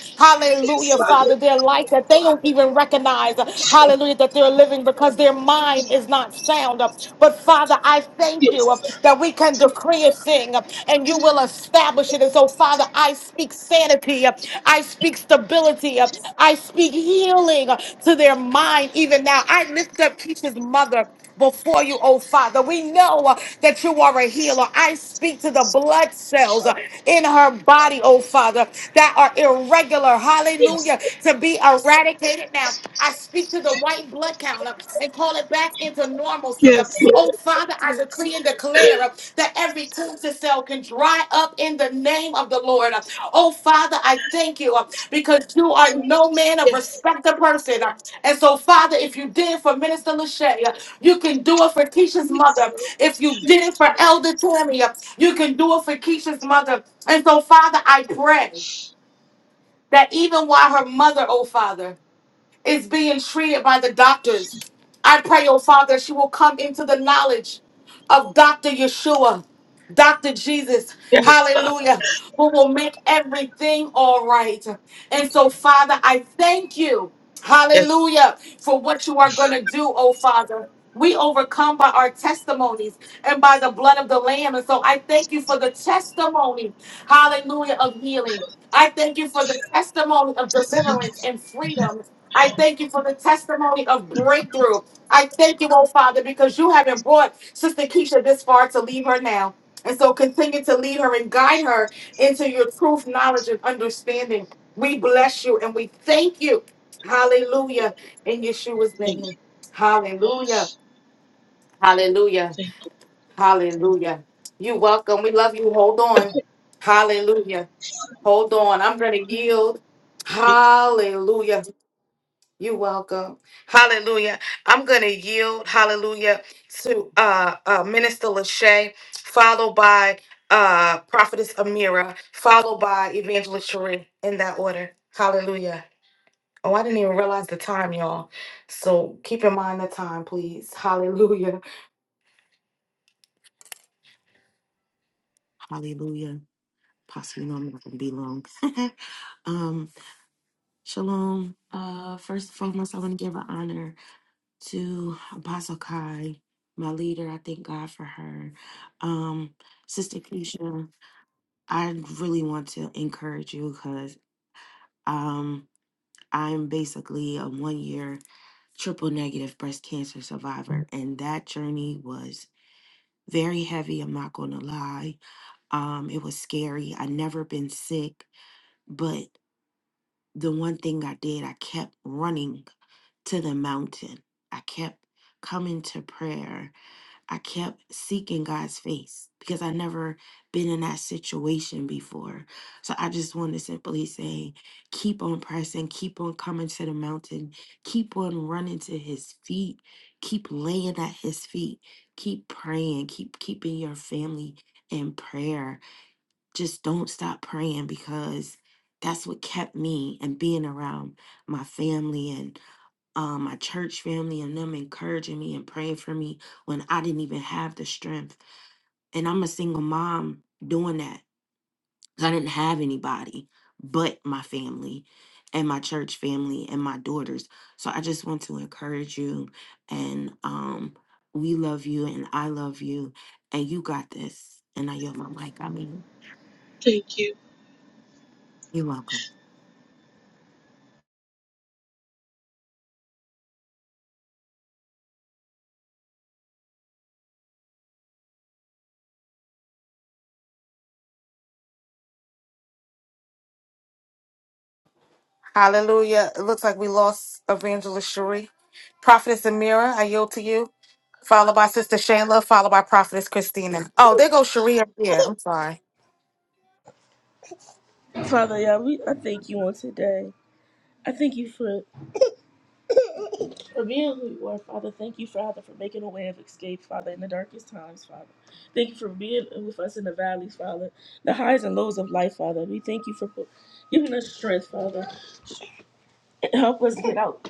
S4: Yes.
S1: hallelujah,
S4: Father.
S1: Father, their life that they don't even recognize, hallelujah, that they're living because their mind is not sound. But Father, I thank you uh,
S4: Yes.
S1: that we can decree a thing uh, and you will establish it. And so, Father, I speak sanity. uh, I speak stability. uh, I speak healing uh, to their mind even now. I lift up Keisha's mother before you, oh Father. We know uh, that you are a healer. I speak to the blood cells uh, in her body, oh Father, that are irregular.
S4: Yes.
S1: Hallelujah. To be eradicated now. I speak to the white blood count uh, and call it back into normalcy. uh.
S4: Yes. Lord.
S1: Oh, Father, I decree and declare uh, that every cancer cell can dry up in the name of the Lord. uh. Oh, Father, I thank you uh, because you are no
S4: Yes.
S1: man of respect a person. uh. And so, Father, if you did it for Minister Lachey, uh, you can do it for Keisha's
S4: Yes.
S1: mother. If you did it for Elder Tammy, uh, you can do it for Keisha's mother. And so, Father, I pray that even while her mother, oh, Father, is being treated by the doctors. I pray, oh Father, she will come into the knowledge of Dr. Yeshua, Dr. Jesus,
S4: Yes, Father.
S1: hallelujah, who will make everything all right. And so, Father, I thank you,
S4: Yes.
S1: hallelujah, for what you are going to do, oh Father. We overcome by our testimonies and by the blood of the Lamb. And so I thank you for the testimony, hallelujah, of healing. I thank you for the testimony of
S4: Thank you.
S1: deliverance and freedom. I thank you for the testimony of breakthrough. I thank you, oh Father, because you haven't brought Sister Keisha this far to leave her now. And so continue to lead her and guide her into your truth, knowledge, and understanding. We bless you and we thank you. Hallelujah. In Yeshua's
S4: Thank
S1: name.
S4: you.
S1: Hallelujah. Hallelujah.
S4: Thank you.
S1: Hallelujah. You welcome. We love you. Hold on. Hallelujah. Hold on. I'm going to yield.
S4: Thank you.
S1: Hallelujah. You're welcome. Hallelujah. I'm going to yield, hallelujah, to uh, uh, Minister Lachey, followed by uh, Prophetess Amira, followed by Evangelist Cherie in that order. Hallelujah. Oh, I didn't even realize the time, y'all. So keep in mind the time, please. Hallelujah.
S5: Hallelujah. Possibly no, I'm not going to be long. um, shalom. Uh, first and foremost, I want to give an honor to Apostle Kai, my leader. I thank God for her. Um, Sister Keisha, I really want to encourage you because um, I'm basically a one year triple negative breast cancer survivor, and that journey was very heavy. I'm not going to lie. Um, it was scary. I never been sick, but the one thing I did, I kept running to the mountain. I kept coming to prayer. I kept seeking God's face because I never been in that situation before. So I just want to simply say, keep on pressing, keep on coming to the mountain, keep on running to his feet, keep laying at his feet, keep praying, keep keeping your family in prayer just don't stop praying because that's what kept me and being around my family and um, my church family and them encouraging me and praying for me when I didn't even have the strength. And I'm a single mom doing that 'cause I didn't have anybody but my family and my church family and my daughters. So I just want to encourage you and um, we love you and I love you and you got this. And I yield my mic. I mean,
S4: Thank you.
S5: you're welcome.
S1: Hallelujah. It looks like we lost Evangelist Cherie. Prophetess Amira, I yield to you. Followed by Sister Shayla, followed by Prophetess Christina. Oh, there goes Sharia here. I'm sorry.
S6: Father, yeah, we, I thank you on today. I thank you for, for being who you are, Father. Thank you, Father, for making a way of escape, Father, in the darkest times, Father. Thank you for being with us in the valleys, Father, the highs and lows of life, Father. We thank you for pu- giving us strength, Father. And help us get out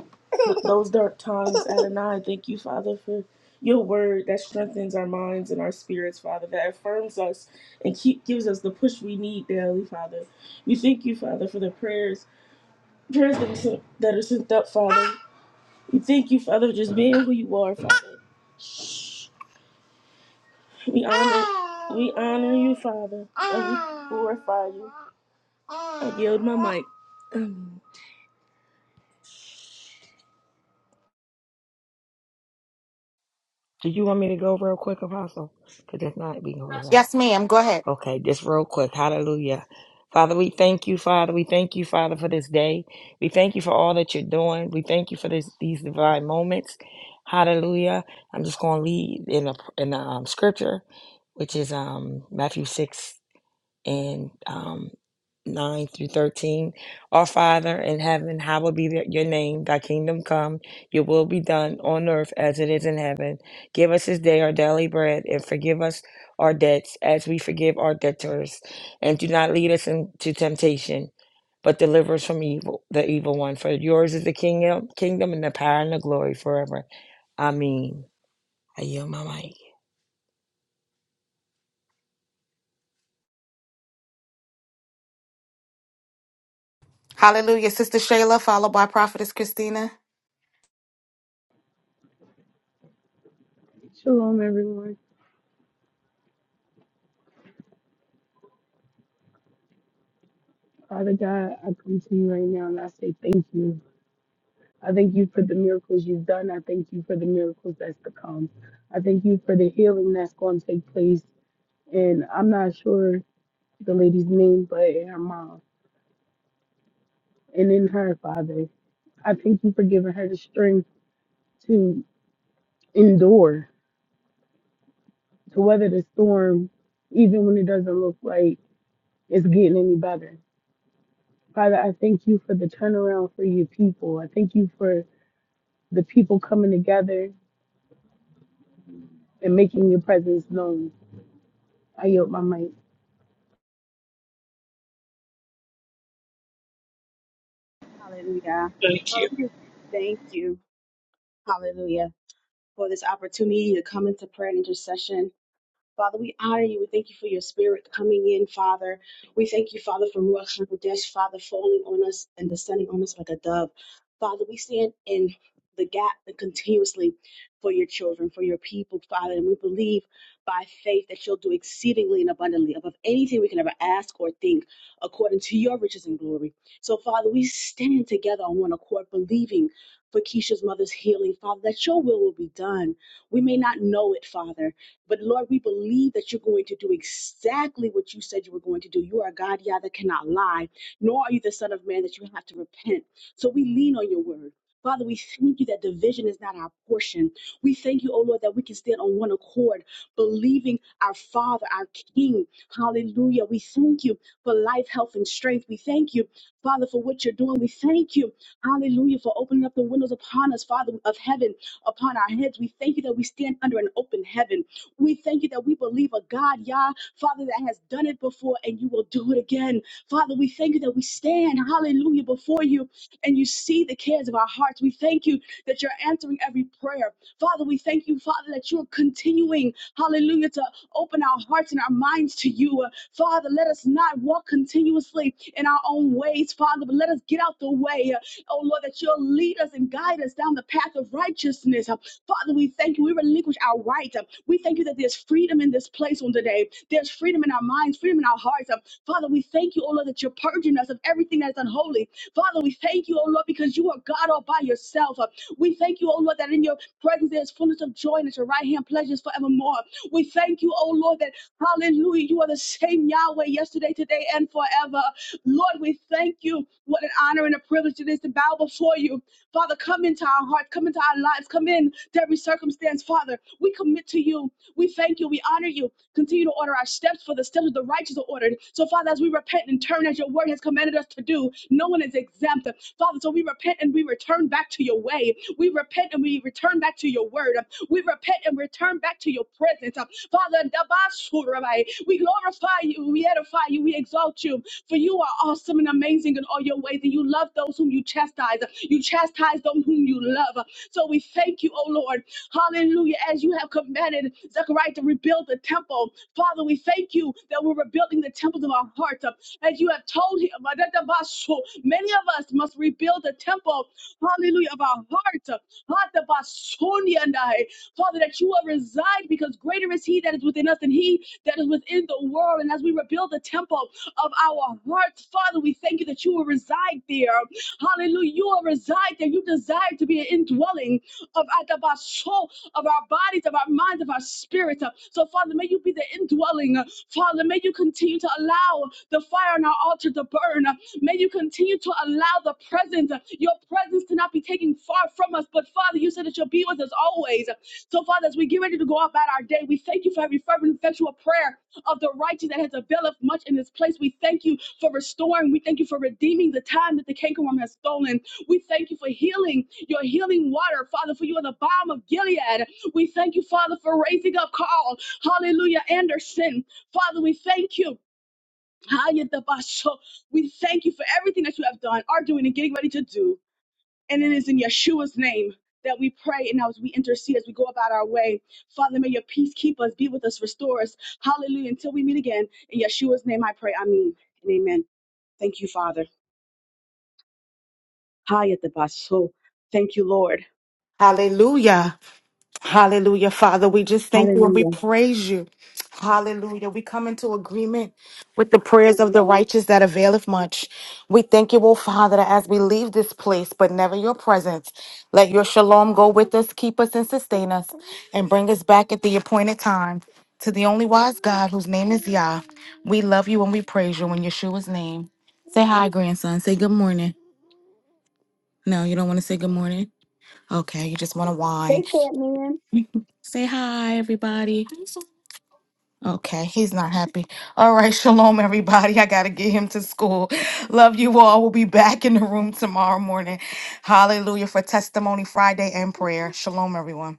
S6: those dark times, Adonai. Thank you, Father, for your word that strengthens our minds and our spirits, Father, that affirms us and keep, gives us the push we need daily, Father. We thank you, Father, for the prayers Prayers that are sent, that are sent up, Father. We thank you, Father, for just being who you are, Father. We honor, we honor you, Father, and we glorify you. I yield my mic.
S7: Do you want me to go real quick, Apostle? Because if not, we can close out.
S1: Yes, ma'am. Go ahead.
S7: Okay, just real quick. Hallelujah. Father, we thank you, Father. We thank you, Father, for this day. We thank you for all that you're doing. We thank you for this, these divine moments. Hallelujah. I'm just going to lead in a, in a um, scripture, which is um, Matthew six. six and um, 9 through 13. Our Father in heaven, hallowed be th- your name. Thy kingdom come, your will be done on earth as it is in heaven. Give us this day our daily bread and forgive us our debts as we forgive our debtors. And do not lead us into temptation, but deliver us from evil, the evil one. For yours is the kingdom, kingdom and the power and the glory forever. Amen. I yield my mic.
S1: Hallelujah. Sister Shayla, followed by Prophetess Christina.
S8: Shalom, everyone. Father God, I come to you right now and I say thank you. I thank you for the miracles you've done. I thank you for the miracles that's to come. I thank you for the healing that's going to take place. And I'm not sure the lady's name, but in her mom and in her father. I thank you for giving her the strength to endure, to weather the storm, even when it doesn't look like it's getting any better. Father, I thank you for the turnaround for your people. I thank you for the people coming together and making your presence known. I yield my mic.
S9: Hallelujah.
S4: Thank you.
S9: Father, we just thank you, hallelujah, for this opportunity to come into prayer and intercession. Father, we honor you. We thank you for your spirit coming in, Father. We thank you, Father, for Ruach Hakodesh, Father, falling on us and descending on us like a dove. Father, we stand in the gap and continuously for your children, for your people, Father. And we believe by faith that you'll do exceedingly and abundantly above anything we can ever ask or think, according to your riches and glory. So, Father, we stand together on one accord, believing for Keisha's mother's healing, Father, that your will will be done. We may not know it, Father. But Lord, we believe that you're going to do exactly what you said you were going to do. You are God, Yah, that cannot lie, nor are you the Son of Man that you have to repent. So we lean on your word. Father, we thank you that division is not our portion. We thank you, oh Lord, that we can stand on one accord, believing our Father, our King. Hallelujah. We thank you for life, health, and strength. We thank you, Father, for what you're doing. We thank you, hallelujah, for opening up the windows upon us, Father, of heaven, upon our heads. We thank you that we stand under an open heaven. We thank you that we believe a God, Yah, Father, that has done it before and you will do it again. Father, we thank you that we stand, hallelujah, before you and you see the cares of our hearts. We thank you that you're answering every prayer. Father, we thank you, Father, that you're continuing, hallelujah, to open our hearts and our minds to you. Uh, Father, let us not walk continuously in our own ways, Father, but let us get out the way. Uh, Oh Lord, that you'll lead us and guide us down the path of righteousness. Uh, Father, we thank you. We relinquish our right. We thank you that there's freedom in this place on today. There's freedom in our minds, freedom in our hearts. Father, we thank you, oh Lord, that you're purging us of everything that's unholy Father, we thank you, oh Lord, because you are God all by yourself. Uh, We thank you, oh Lord, that in your presence there is fullness of joy and at your right hand pleasures forevermore. We thank you, oh Lord, that hallelujah, you are the same Yahweh yesterday, today, and forever. Lord, we thank you. What an honor and a privilege it is to bow before you. Father, come into our hearts, come into our lives, come in to every circumstance. Father, we commit to you. We thank you. We honor you. Continue to order our steps, for the steps of the righteous are ordered. So, Father, as we repent and turn as your word has commanded us to do, no one is exempt. Father, so we repent and we return back to your way. We repent and we return back to your word. We repent and return back to your presence. Father, Dabasurabai, we glorify you, we edify you, we exalt you, for you are awesome and amazing in all your ways, and you love those whom you chastise. You chastise those whom you love. So we thank you, O Lord. Hallelujah. As you have commanded Zechariah to rebuild the temple, Father, we thank you that we're rebuilding the temple of our heart. As you have told him, many of us must rebuild the temple, hallelujah, of our heart. Father, that you will reside because greater is he that is within us than he that is within the world. And as we rebuild the temple of our hearts, Father, we thank you that you will reside there. Hallelujah. You will reside there. You desire to be an indwelling of, of our soul, of our bodies, of our minds, of our spirit. So, Father, may you be the indwelling. Father, may you continue to allow the fire on our altar to burn. May you continue to allow the presence, your presence to not be taken far from us. But, Father, you said that you'll be with us always. So, Father, as we get ready to go about our day, we thank you for every fervent, effectual prayer of the righteous that has availed much in this place. We thank you for restoring. We thank you for redeeming the time that the cankerworm has stolen. We thank you for healing, your healing water, Father, for you are the balm of Gilead. We thank you, Father, for raising up Carl. Hallelujah, Anderson. Father, we thank you. We thank you for everything that you have done, are doing, and getting ready to do. And it is in Yeshua's name that we pray and now as we intercede, as we go about our way. Father, may your peace keep us, be with us, restore us. Hallelujah. Until we meet again, in Yeshua's name I pray. Amen and amen. Thank you, Father. Hayatabasho. Thank you, Lord.
S1: Hallelujah. Hallelujah, Father. We just thank you and we
S9: Hallelujah.
S1: praise you. Hallelujah. We come into agreement with the prayers of the righteous that availeth much. We thank you, O Father, that as we leave this place, but never your presence, let your shalom go with us, keep us, and sustain us, and bring us back at the appointed time to the only wise God whose name is Yah. We love you and we praise you in Yeshua's name. Say hi, grandson. Say good morning. No, you don't want to say good morning. Okay, you just want to
S9: They
S1: whine.
S9: said
S1: Say hi, everybody. Okay, he's not happy. All right, shalom, everybody. I got to get him to school. Love you all. We'll be back in the room tomorrow morning. Hallelujah for Testimony Friday and prayer. Shalom, everyone.